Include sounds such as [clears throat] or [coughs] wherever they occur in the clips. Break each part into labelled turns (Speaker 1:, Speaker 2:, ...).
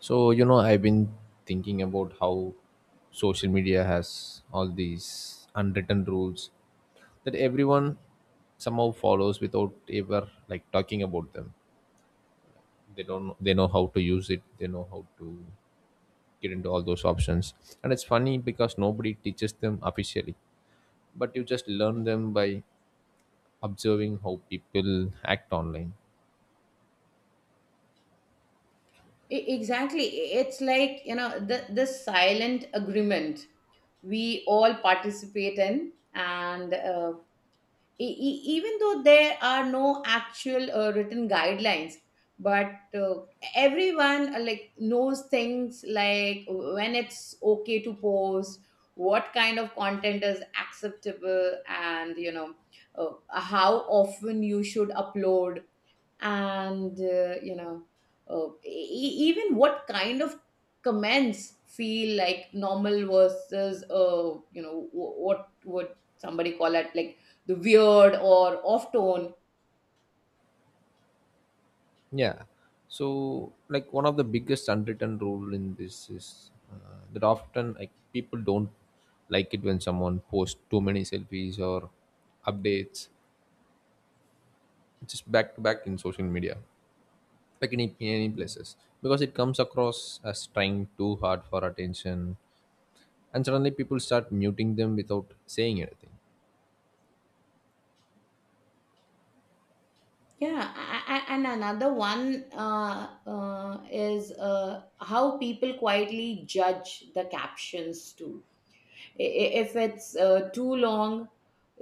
Speaker 1: So, I've been thinking about how social media has all these unwritten rules that everyone somehow follows without ever like talking about them. They don't they know how to use it, they know how to get into all those options. And it's funny because nobody teaches them officially, but you just learn them by observing how people act online.
Speaker 2: Exactly. It's like, the silent agreement we all participate in. Even though there are no actual written guidelines, but everyone like knows things like when it's okay to post, what kind of content is acceptable, and uh, how often you should upload and even what kind of comments feel like normal versus what would somebody call it, like the weird or off tone.
Speaker 1: Yeah. So, like one of the biggest unwritten rule in this is that often like people don't like it when someone posts too many selfies or updates just back to back in social media, like in any places, because it comes across as trying too hard for attention, and suddenly people start muting them without saying anything.
Speaker 2: And another one is how people quietly judge the captions too. If it's too long,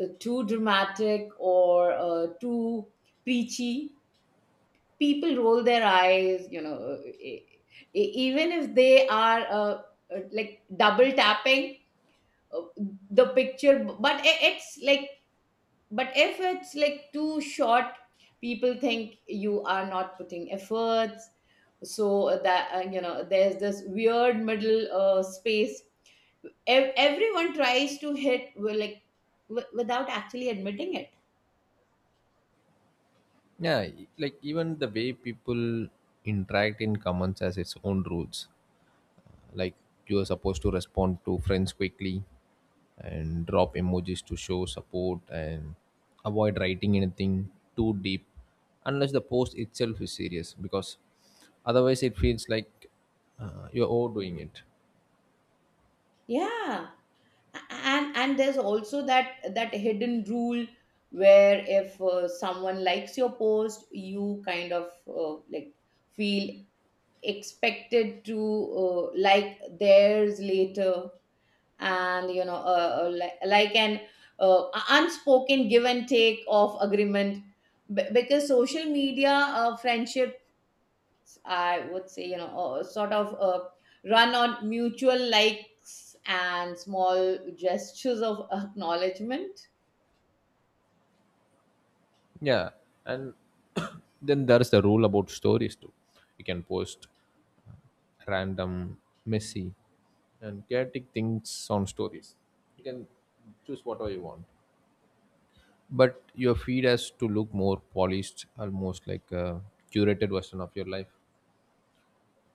Speaker 2: too dramatic, or too preachy, people roll their eyes, even if they are like double tapping uh, the picture. But it's like, but if it's like too short, people think you are not putting efforts. So that uh, you know there's this weird middle space Ev- everyone tries to hit, well, like without actually admitting it.
Speaker 1: Yeah, like even the way people interact in comments has its own rules, like you are supposed to respond to friends quickly and drop emojis to show support and avoid writing anything too deep unless the post itself is serious because otherwise it feels like you're overdoing it.
Speaker 2: Yeah. And there's also that hidden rule where if someone likes your post, you kind of like feel expected to like theirs later. And you know like an uh, unspoken give and take of agreement. Because social media friendship, I would say, you know, sort of run on mutual likes and small gestures of [laughs] acknowledgement.
Speaker 1: Yeah. And [coughs] [clears throat] then there's the rule about stories too. You can post random, messy and chaotic things on stories. You can choose whatever you want, but your feed has to look more polished, almost like a curated version of your life.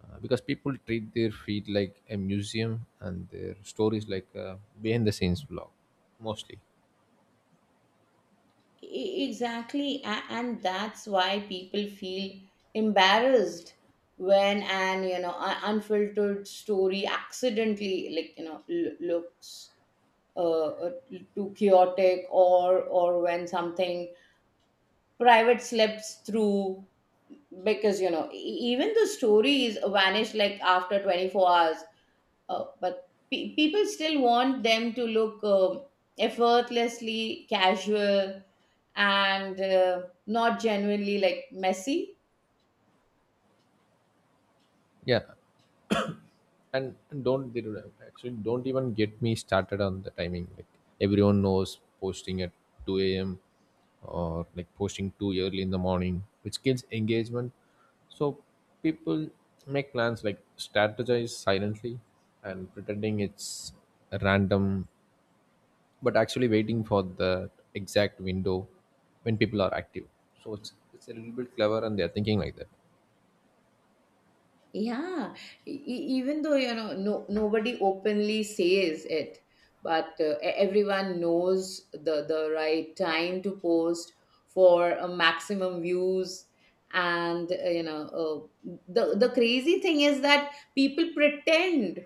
Speaker 1: Because people treat their feed like a museum and their stories like a behind the scenes vlog, mostly.
Speaker 2: Exactly. And that's why people feel embarrassed when an, you know, unfiltered story accidentally, like, you know, looks uh, uh, too chaotic, or when something private slips through. Because even the stories vanish like after 24 hours. But people still want them to look, um, effortlessly casual and not genuinely like messy.
Speaker 1: Yeah. And don't they don't actually don't even get me started on the timing. Like everyone knows posting at 2 a.m or like posting too early in the morning, which kills engagement. So people make plans, like strategize silently and pretending it's random, but actually waiting for the exact window when people are active. So it's a little bit clever and they're thinking like that.
Speaker 2: Yeah, even though you know no nobody openly says it, everyone knows the right time to post for maximum views. And the crazy thing is that people pretend,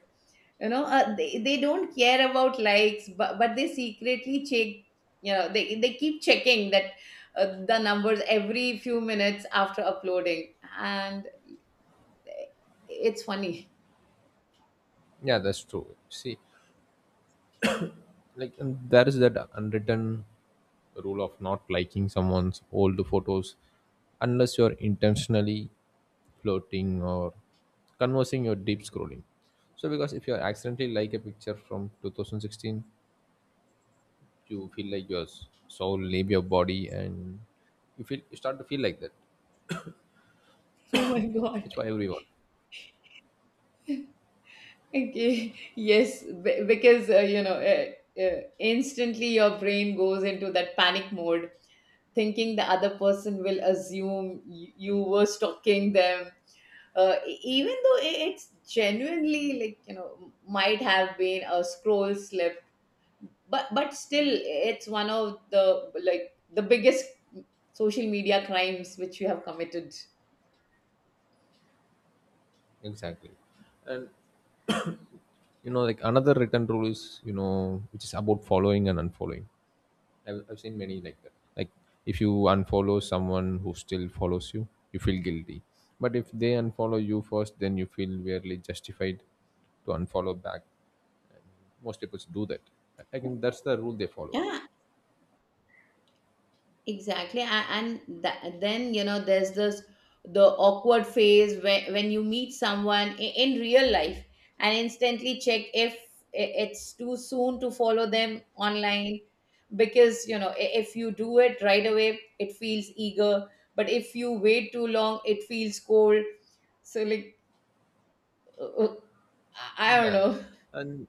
Speaker 2: they don't care about likes, but they secretly check. You know, they keep checking that, the numbers every few minutes after uploading, and it's funny.
Speaker 1: Yeah, that's true. See, like and there is that unwritten rule of not liking someone's old photos unless you're intentionally flirting or conversing or deep scrolling. So because if you accidentally like a picture from 2016, you feel like your soul leave your body, and you feel you start to feel like that.
Speaker 2: [laughs] Oh my God.
Speaker 1: It's for everyone.
Speaker 2: Okay. Yes, because instantly your brain goes into that panic mode, thinking the other person will assume you you were stalking them. Even though it's genuinely like, you know, might have been a scroll slip, but still it's one of the like the biggest social media crimes which you have committed.
Speaker 1: Exactly. And you know, like another written rule is, you know, which is about following and unfollowing. I've seen many like that. Like if you unfollow someone who still follows you, you feel guilty. But if they unfollow you first, then you feel weirdly justified to unfollow back. Most people do that. I think that's the rule they follow.
Speaker 2: Yeah, exactly. And then, you know, there's this the awkward phase where, when you meet someone in real life and instantly check if it's too soon to follow them online. Because, you know, if you do it right away, it feels eager. But if you wait too long, it feels cold. So, like, uh, uh, I don't
Speaker 1: Yeah,
Speaker 2: know.
Speaker 1: and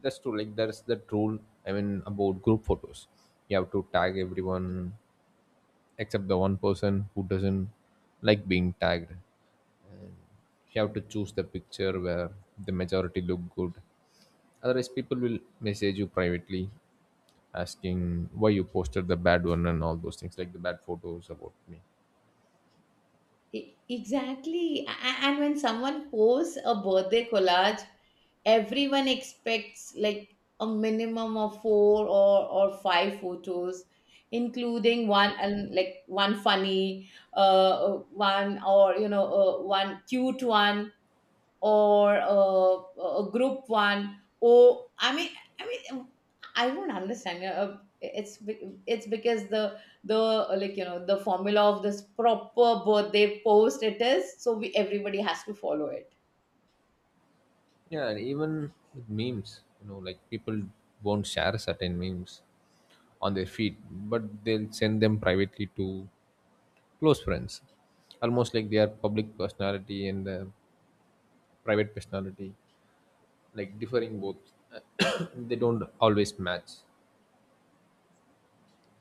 Speaker 1: that's true. Like that's the rule. I mean about group photos, you have to tag everyone except the one person who doesn't like being tagged. You have to choose the picture where the majority look good, otherwise people will message you privately asking why you posted the bad one and all those things like the bad photos about me.
Speaker 2: Exactly. And when someone posts a birthday collage, everyone expects like a minimum of four or five photos, including one and like one funny one, or you know one cute one, or a group one, or I mean, I mean, I don't understand it's because the like, you know, the formula of this proper birthday post, it is so we everybody has to follow it.
Speaker 1: Yeah, and even with memes, you know, like people won't share certain memes on their feed but they'll send them privately to close friends, almost like they are public personality and private personality, like differing both. [coughs] They don't always match.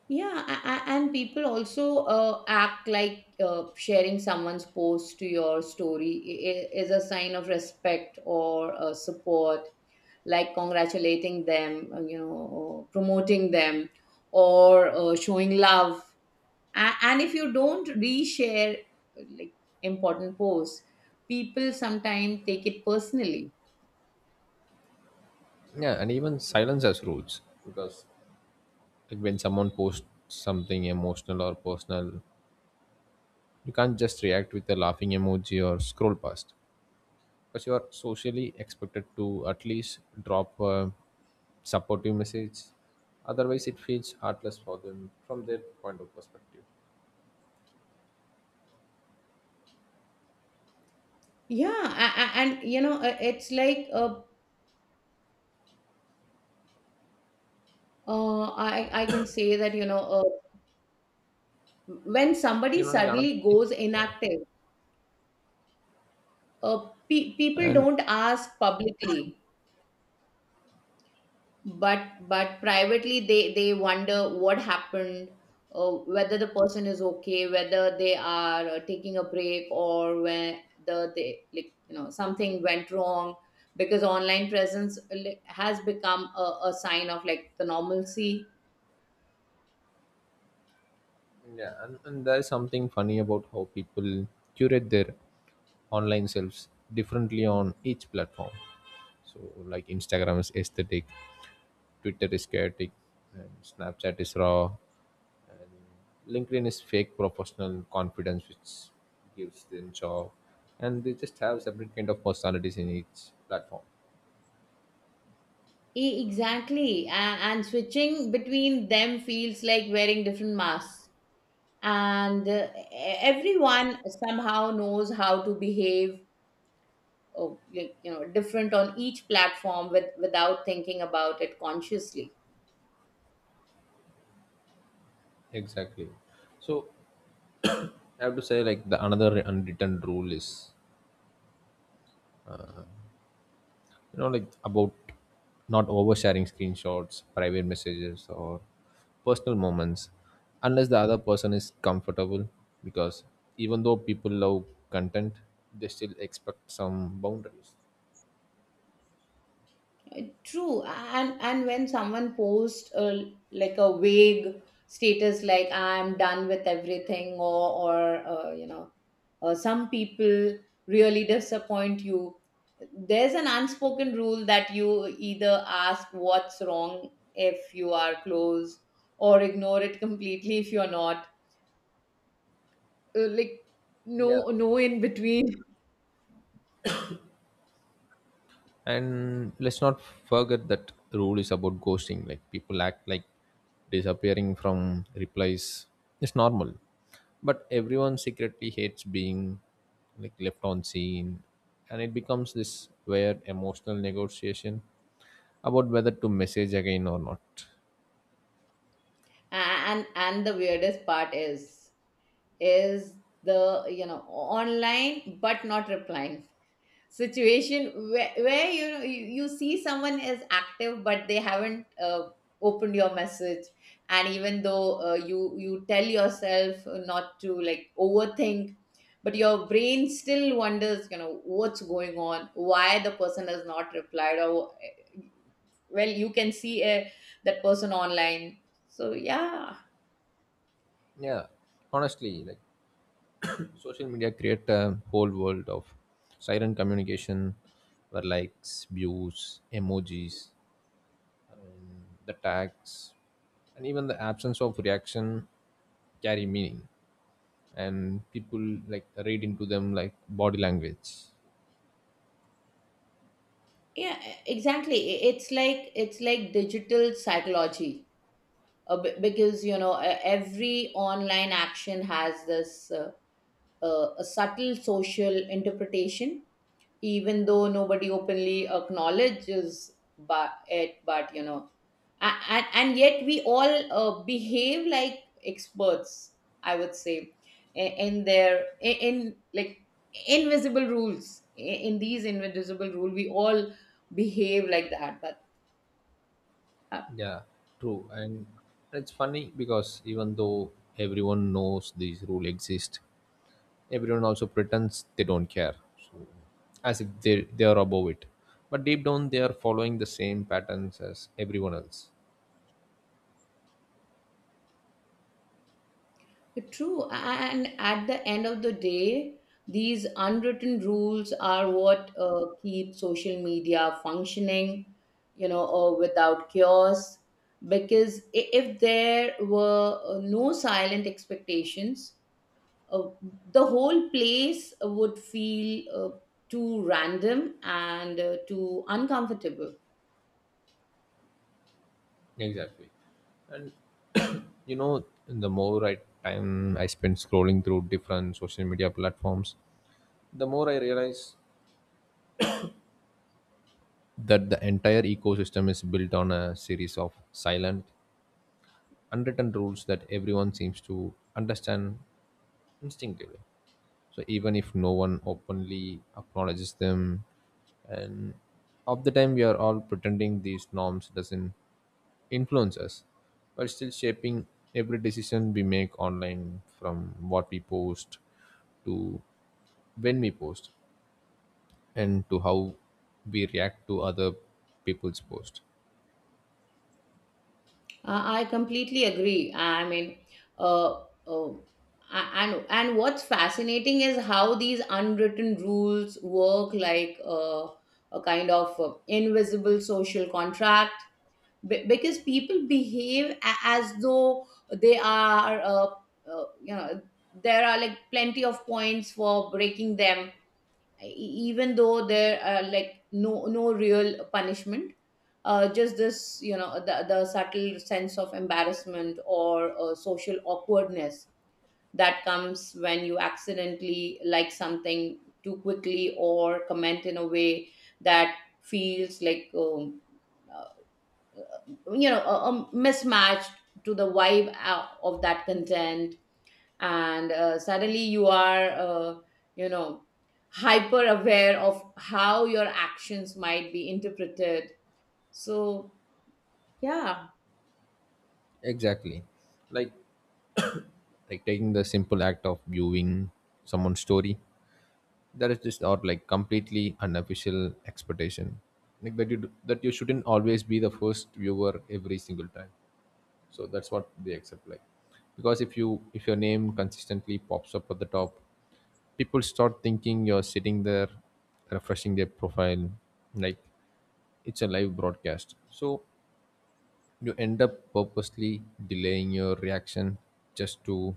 Speaker 2: Yeah, and people also act like sharing someone's post to your story is a sign of respect or support, like congratulating them, you know, promoting them, or showing love. And if you don't reshare uh, like important posts, people sometimes take it personally.
Speaker 1: Yeah, and even silence has rules, because like when someone posts something emotional or personal, you can't just react with a laughing emoji or scroll past, because you are socially expected to at least drop a supportive message, otherwise it feels heartless for them from their point of perspective.
Speaker 2: Yeah, and you know, it's like I can say that, you know. When
Speaker 1: You
Speaker 2: somebody
Speaker 1: know, like another
Speaker 2: suddenly
Speaker 1: thing.
Speaker 2: goes
Speaker 1: Yeah.
Speaker 2: inactive, people
Speaker 1: And
Speaker 2: don't ask publicly, but privately they wonder what happened, whether the person is okay, whether they are taking a break, or whether they, like, you know, something went wrong. Because online presence like, has become a sign of like the normalcy.
Speaker 1: yeah, and there is something funny about how people curate their online selves differently on each platform. So, like Instagram is aesthetic, Twitter is chaotic, and Snapchat is raw. LinkedIn is fake professional confidence, which gives them job, and they just have separate kind of personalities in each platform.
Speaker 2: Exactly, and switching between them feels like wearing different masks, and everyone somehow knows how to behave, uh, like, you know, different on each platform with, without thinking about it consciously.
Speaker 1: Exactly. So I have to say, like the another unwritten rule is, you know, like about not oversharing screenshots, private messages, or personal moments, unless the other person is comfortable. Because even though people love content, they still expect some boundaries.
Speaker 2: True, and when someone posts a, like a vague status like I'm done with everything, or some people really disappoint you. There's an unspoken rule that you either ask what's wrong if you are close, or ignore it completely if you're not. Like
Speaker 1: Yeah.
Speaker 2: no no in between. [laughs]
Speaker 1: And let's not forget that rule is about ghosting. Like people act like disappearing from replies is normal. But everyone secretly hates being, like, left on scene, and it becomes this weird emotional negotiation about whether to message again or not.
Speaker 2: And the weirdest part is. Is the, you know, online but not replying situation where you know you, you see someone is active but they haven't opened your message. And even though you you tell yourself not to like overthink, but your brain still wonders, you know, what's going on, why the person has not replied, or eh, well you can see that person online, so yeah.
Speaker 1: Yeah. Honestly, like social media create a whole world of silent communication where likes, views, emojis, the tags, and even the absence of reaction carry meaning, and people like read into them like body language.
Speaker 2: Yeah, e, exactly, it's like, it's like digital psychology, because you know every online action has this a subtle social interpretation, even though nobody openly acknowledges but it, but you know. And yet we all behave like experts, I would say, in like invisible rules, in these invisible rule we all behave like that, but
Speaker 1: Yeah, true. And it's funny because even though everyone knows these rules exist, everyone also pretends they don't care. So as if they are above it. But deep down, they are following the same patterns as everyone else.
Speaker 2: true. And at the end of the day, these unwritten rules are what keep social media functioning, you know, without chaos. Because if there were no silent expectations, uh, the whole place would feel too random and too uncomfortable.
Speaker 1: Exactly. And you know, the more I time I spend scrolling through different social media platforms, the more I realize that the entire ecosystem is built on a series of silent, unwritten rules that everyone seems to understand instinctively. So even if no one openly acknowledges them, and of the time we are all pretending these norms doesn't influence us but still shaping every decision we make online, from what we post to when we post and to how we react to other people's post.
Speaker 2: I completely agree. I mean, uh, uh, and what's fascinating is how these unwritten rules work like a kind of invisible social contract. Because people behave as though they are, uh, you know, there are like plenty of points for breaking them, e- even though there are like no no real punishment, just this, you know, the subtle sense of embarrassment or social awkwardness that comes when you accidentally like something too quickly or comment in a way that feels like, uh, you know, a mismatch to the vibe of that content. And suddenly you are, you know, hyper aware of how your actions might be interpreted, so yeah.
Speaker 1: Exactly. Like like taking the simple act of viewing someone's story. That is just or like completely unofficial expectation, like that you do, that you shouldn't always be the first viewer every single time. So that's what they accept, like, because if you if your name consistently pops up at the top, people start thinking you're sitting there refreshing their profile like it's a live broadcast. So you end up purposely delaying your reaction just to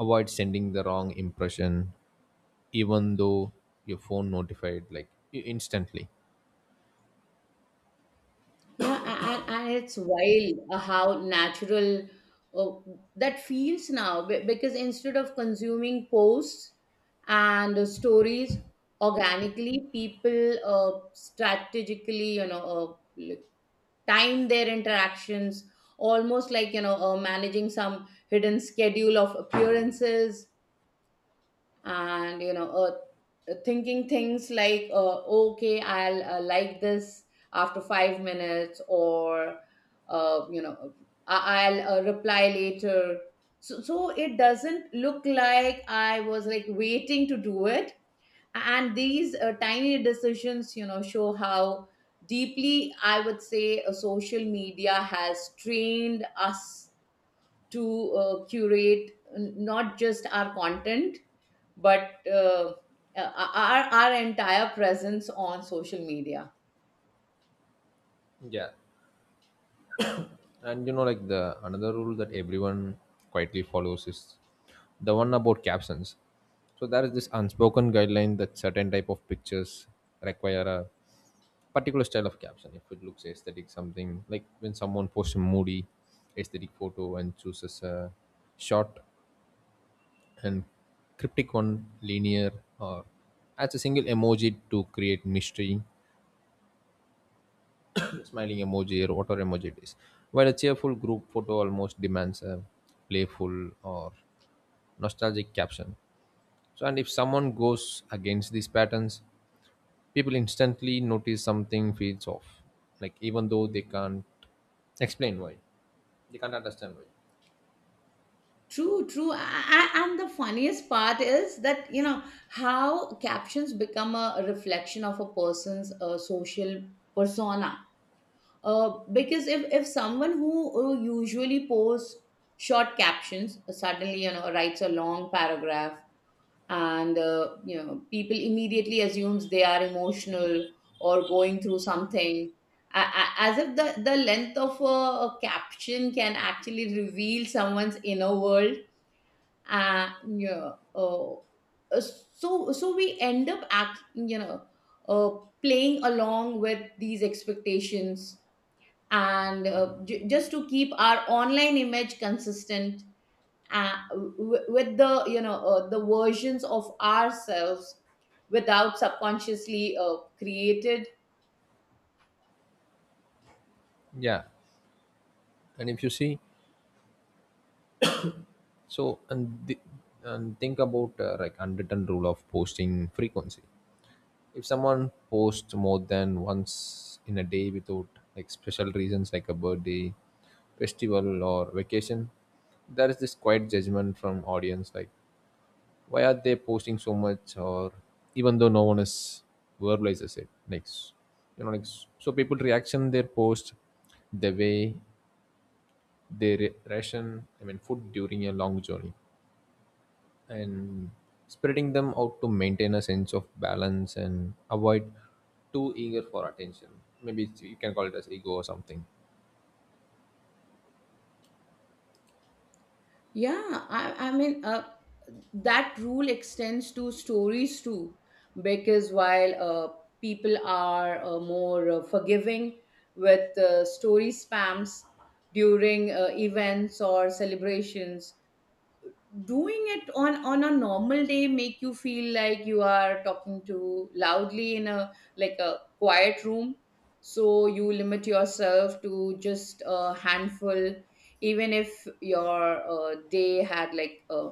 Speaker 1: avoid sending the wrong impression, even though your phone notified, like, instantly.
Speaker 2: Yeah, and it's wild how natural uh, that feels now, because instead of consuming posts and stories organically, people strategically, you know, like, time their interactions almost like, you know, managing some hidden schedule of appearances. And thinking things like, okay, I'll like this after 5 minutes, or uh, you know I'll reply later so, so it doesn't look like I was like waiting to do it. And these tiny decisions, you know, show how deeply, I would say, social media has trained us to curate not just our content, but our entire presence on social media.
Speaker 1: Yeah. And you know, like the another rule that everyone quietly follows is the one about captions. So there is this unspoken guideline that certain type of pictures require a particular style of caption if it looks aesthetic, something like when someone posts a moody aesthetic photo and chooses a short and cryptic one linear or adds a single emoji to create mystery, smiling emoji or whatever emoji it is. While a cheerful group photo almost demands a playful or nostalgic caption. So, and if someone goes against these patterns, people instantly notice something feels off, like even though they can't explain why, they can't understand why.
Speaker 2: True, true. And the funniest part is that, you know, how captions become a reflection of a person's social persona. Because if someone who usually posts short captions suddenly, you know, writes a long paragraph, and you know, people immediately assumes they are emotional or going through something, as if the, the length of a caption can actually reveal someone's inner world. And you know, so so we end up act, you know, uh, playing along with these expectations, and just to keep our online image consistent, uh, with the, you know, the versions of ourselves without subconsciously created.
Speaker 1: Yeah, and if you see, so and th- and think about like unwritten rule of posting frequency. If someone posts more than once in a day without like special reasons like a birthday, festival or vacation, there is this quiet judgment from audience like why are they posting so much, or even though no one is verbalizes it, like you know, like so people reaction their post the way they ration I mean food during a long journey, and spreading them out to maintain a sense of balance and avoid too eager for attention. Maybe you can call it as ego or something.
Speaker 2: Yeah, I, I mean, that rule extends to stories too, because while people are more forgiving with story spams during events or celebrations, doing it on a normal day make you feel like you are talking too loudly in a like a quiet room. So you limit yourself to just a handful, even if your day had like a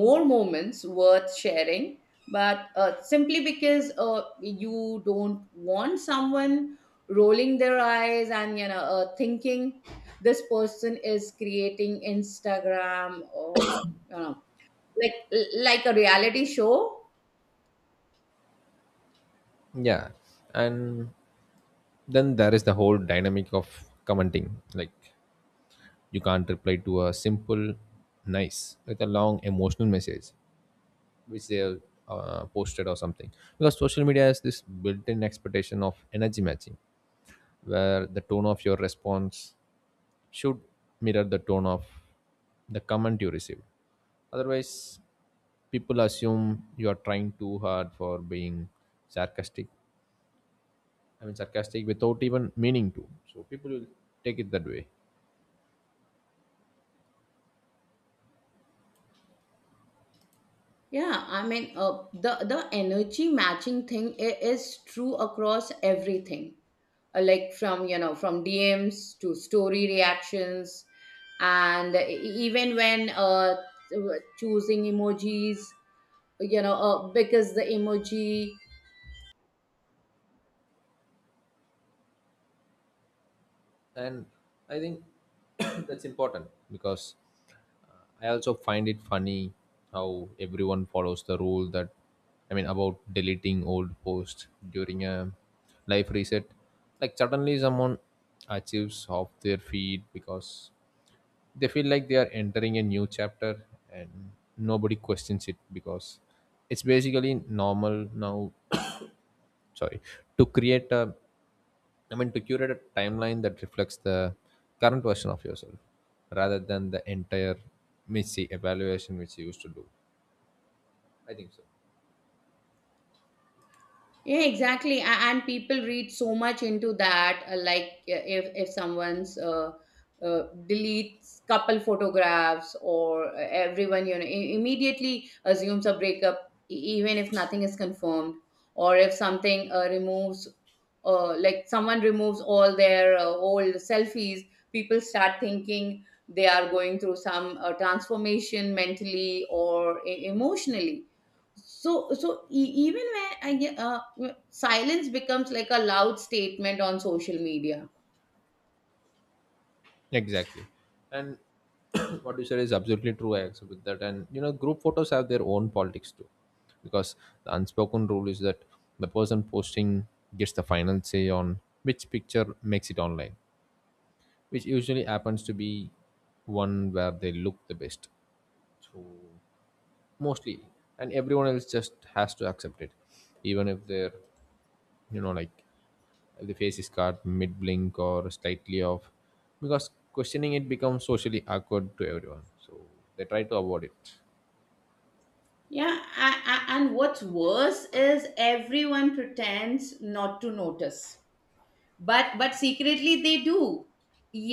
Speaker 2: more moments worth sharing, but simply because you don't want someone rolling their eyes and, you know, thinking this person is creating instagram, or you know, like like a reality show.
Speaker 1: Yeah, and then there is the whole dynamic of commenting, like you can't reply to a simple nice with a long emotional message which they have posted or something, because social media has this built-in expectation of energy matching where the tone of your response should mirror the tone of the comment you receive. Otherwise, people assume you are trying too hard for being sarcastic. I mean, sarcastic without even meaning to. So people will take it that way.
Speaker 2: Yeah, I mean, the energy matching thing is true across everything, like from, you know, from DMs to story reactions, and even when choosing emojis, you know, because the emoji.
Speaker 1: And I think [coughs] [clears throat] that's important because I also find it funny how everyone follows the rule that I mean about deleting old posts during a life reset. Like suddenly someone achieves off their feed because they feel like they are entering a new chapter, and nobody questions it because it's basically normal now. [coughs] Sorry. To create a I mean, to curate a timeline that reflects the current version of yourself rather than the entire messy evaluation which you used to do. I think so.
Speaker 2: Yeah, exactly. And people read so much into that. Like, if someone's uh, deletes couple photographs, or everyone, you know, immediately assumes a breakup, even if nothing is confirmed, or if something removes, like someone removes all their old selfies, people start thinking they are going through some transformation mentally or emotionally. So so even when I get silence becomes like a loud statement on social media.
Speaker 1: Exactly. And [clears throat] what you said is absolutely true. I accept with that. And, you know, group photos have their own politics too. Because the unspoken rule is that the person posting gets the final say on which picture makes it online, which usually happens to be one where they look the best. So mostly, and everyone else just has to accept it, even if they're, you know, like the face is cut mid blink or slightly off, because questioning it becomes socially awkward to everyone so they try to avoid it.
Speaker 2: Yeah, a and what's worse is everyone pretends not to notice, but secretly they do.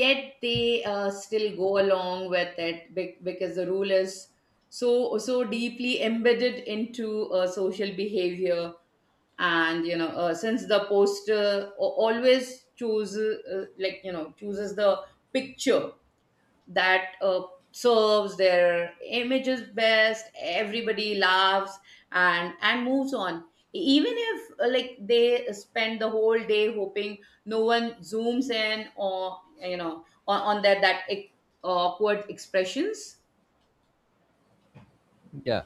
Speaker 2: Yet they still go along with it, because the rule is so so deeply embedded into social behavior. And you know, since the poster always chooses, chooses the picture that serves their images best, everybody laughs and moves on, even if like they spend the whole day hoping no one zooms in, or you know, on their that awkward expressions.
Speaker 1: Yeah,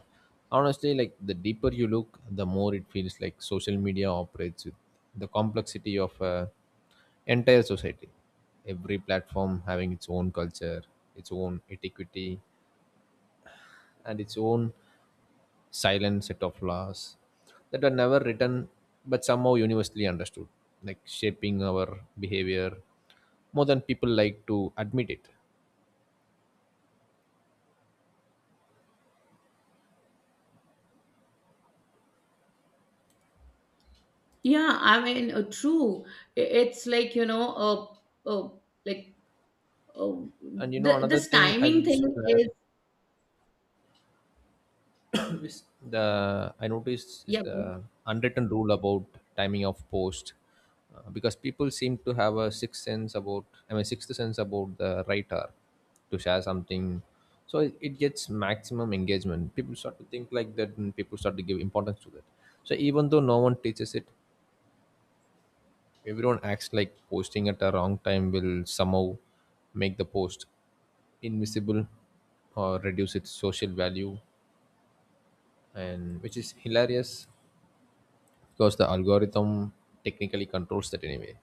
Speaker 1: honestly like the deeper you look the more it feels like social media operates with the complexity of a entire society, every platform having its own culture, its own etiquette and its own silent set of laws that were never written but somehow universally understood, like shaping our behavior more than people like to admit it.
Speaker 2: Yeah, I mean, true. It's like, you know, uh, uh like uh,
Speaker 1: And you know,
Speaker 2: the
Speaker 1: another
Speaker 2: this
Speaker 1: thing I
Speaker 2: timing
Speaker 1: will
Speaker 2: thing
Speaker 1: add
Speaker 2: is
Speaker 1: always the I noticed is
Speaker 2: yeah.
Speaker 1: the unwritten rule about timing of post, because people seem to have a sixth sense about I mean sixth sense about the writer to share something, so it gets maximum engagement. People start to think like that, and people start to give importance to that. So even though no one teaches it, everyone acts like posting at a wrong time will somehow make the post invisible or reduce its social value, and which is hilarious because the algorithm technically controls that anyway,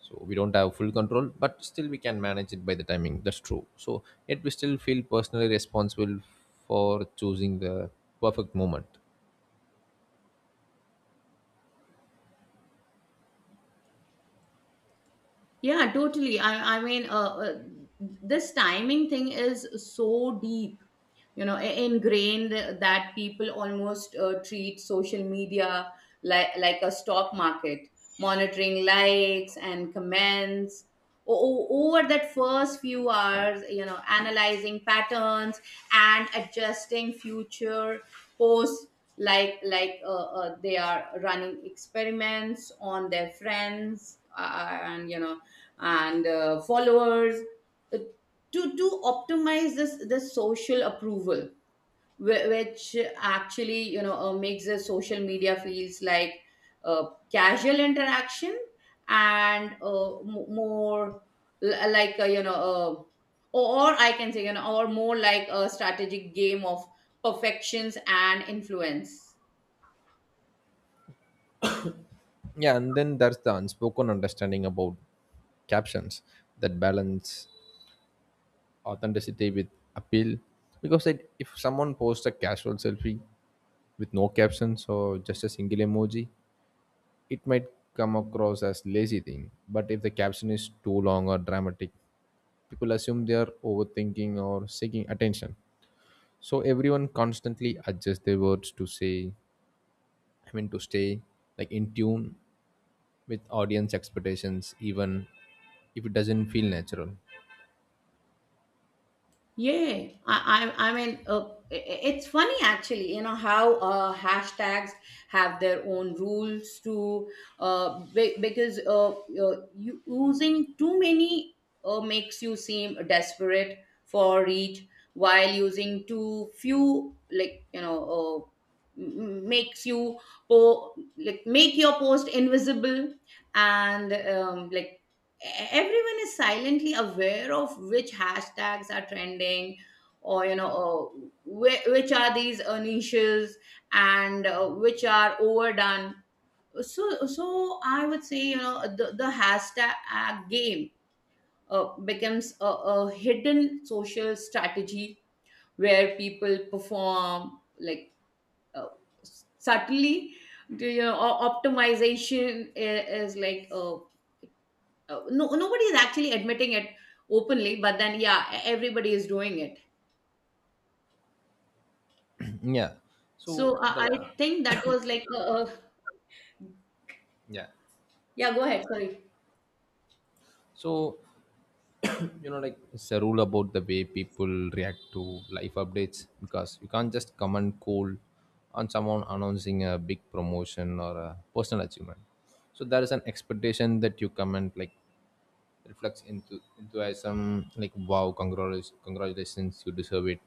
Speaker 1: so we don't have full control but still we can manage it by the timing, that's true, so yet we still feel personally responsible for choosing the perfect moment.
Speaker 2: Yeah, totally. I, I mean, this timing thing is so deep, you know, ingrained that people almost treat social media like a stock market, monitoring likes and comments over that first few hours, you know, analyzing patterns and adjusting future posts like, they are running experiments on their friends, and you know, and followers, uh, to optimize this this social approval, which actually, you know, makes the social media feels like uh, casual interaction, and more like, or I can say, you know, or more like a strategic game of perfections and influence.
Speaker 1: Yeah, and then there's the unspoken understanding about captions that balance authenticity with appeal, because if someone posts a casual selfie with no captions or just a single emoji, it might come across as lazy thing, but if the caption is too long or dramatic, people assume they are overthinking or seeking attention. So everyone constantly adjusts their words to say, I mean to stay like in tune with audience expectations, even if it doesn't feel natural.
Speaker 2: Yeah, I mean, it's funny actually, you know, how hashtags have their own rules too, because you, using too many makes you seem desperate for reach, while using too few, like, you know, makes you like make your post invisible. And like everyone is silently aware of which hashtags are trending, or you know, which are these niches, and which are overdone. So so I would say, you know, the hashtag game becomes a hidden social strategy where people perform like, uh, subtly do, you know, o- optimization is like, no nobody is actually admitting it openly, but then yeah, e- everybody is doing it.
Speaker 1: [clears throat] Yeah. So
Speaker 2: So I,
Speaker 1: the
Speaker 2: I think that was like
Speaker 1: yeah.
Speaker 2: yeah, go ahead, sorry.
Speaker 1: So you know, like it's a rule about the way people react to life updates, because you can't just comment cold on someone announcing a big promotion or a personal achievement, so there is an expectation that you comment like reflects into enthusiasm, like wow, congratulations, congratulations, you deserve it,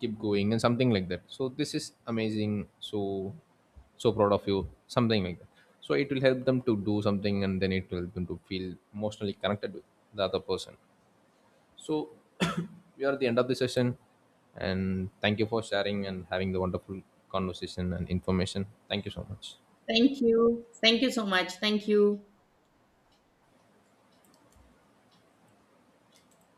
Speaker 1: keep going, and something like that, so this is amazing, so so proud of you, something like that, so it will help them to do something and then it will help them to feel emotionally connected with the other person. So [coughs] [clears throat] we are at the end of the session, and thank you for sharing and having the wonderful conversation and information. Thank you so much.
Speaker 2: Thank you, thank you so much, thank you.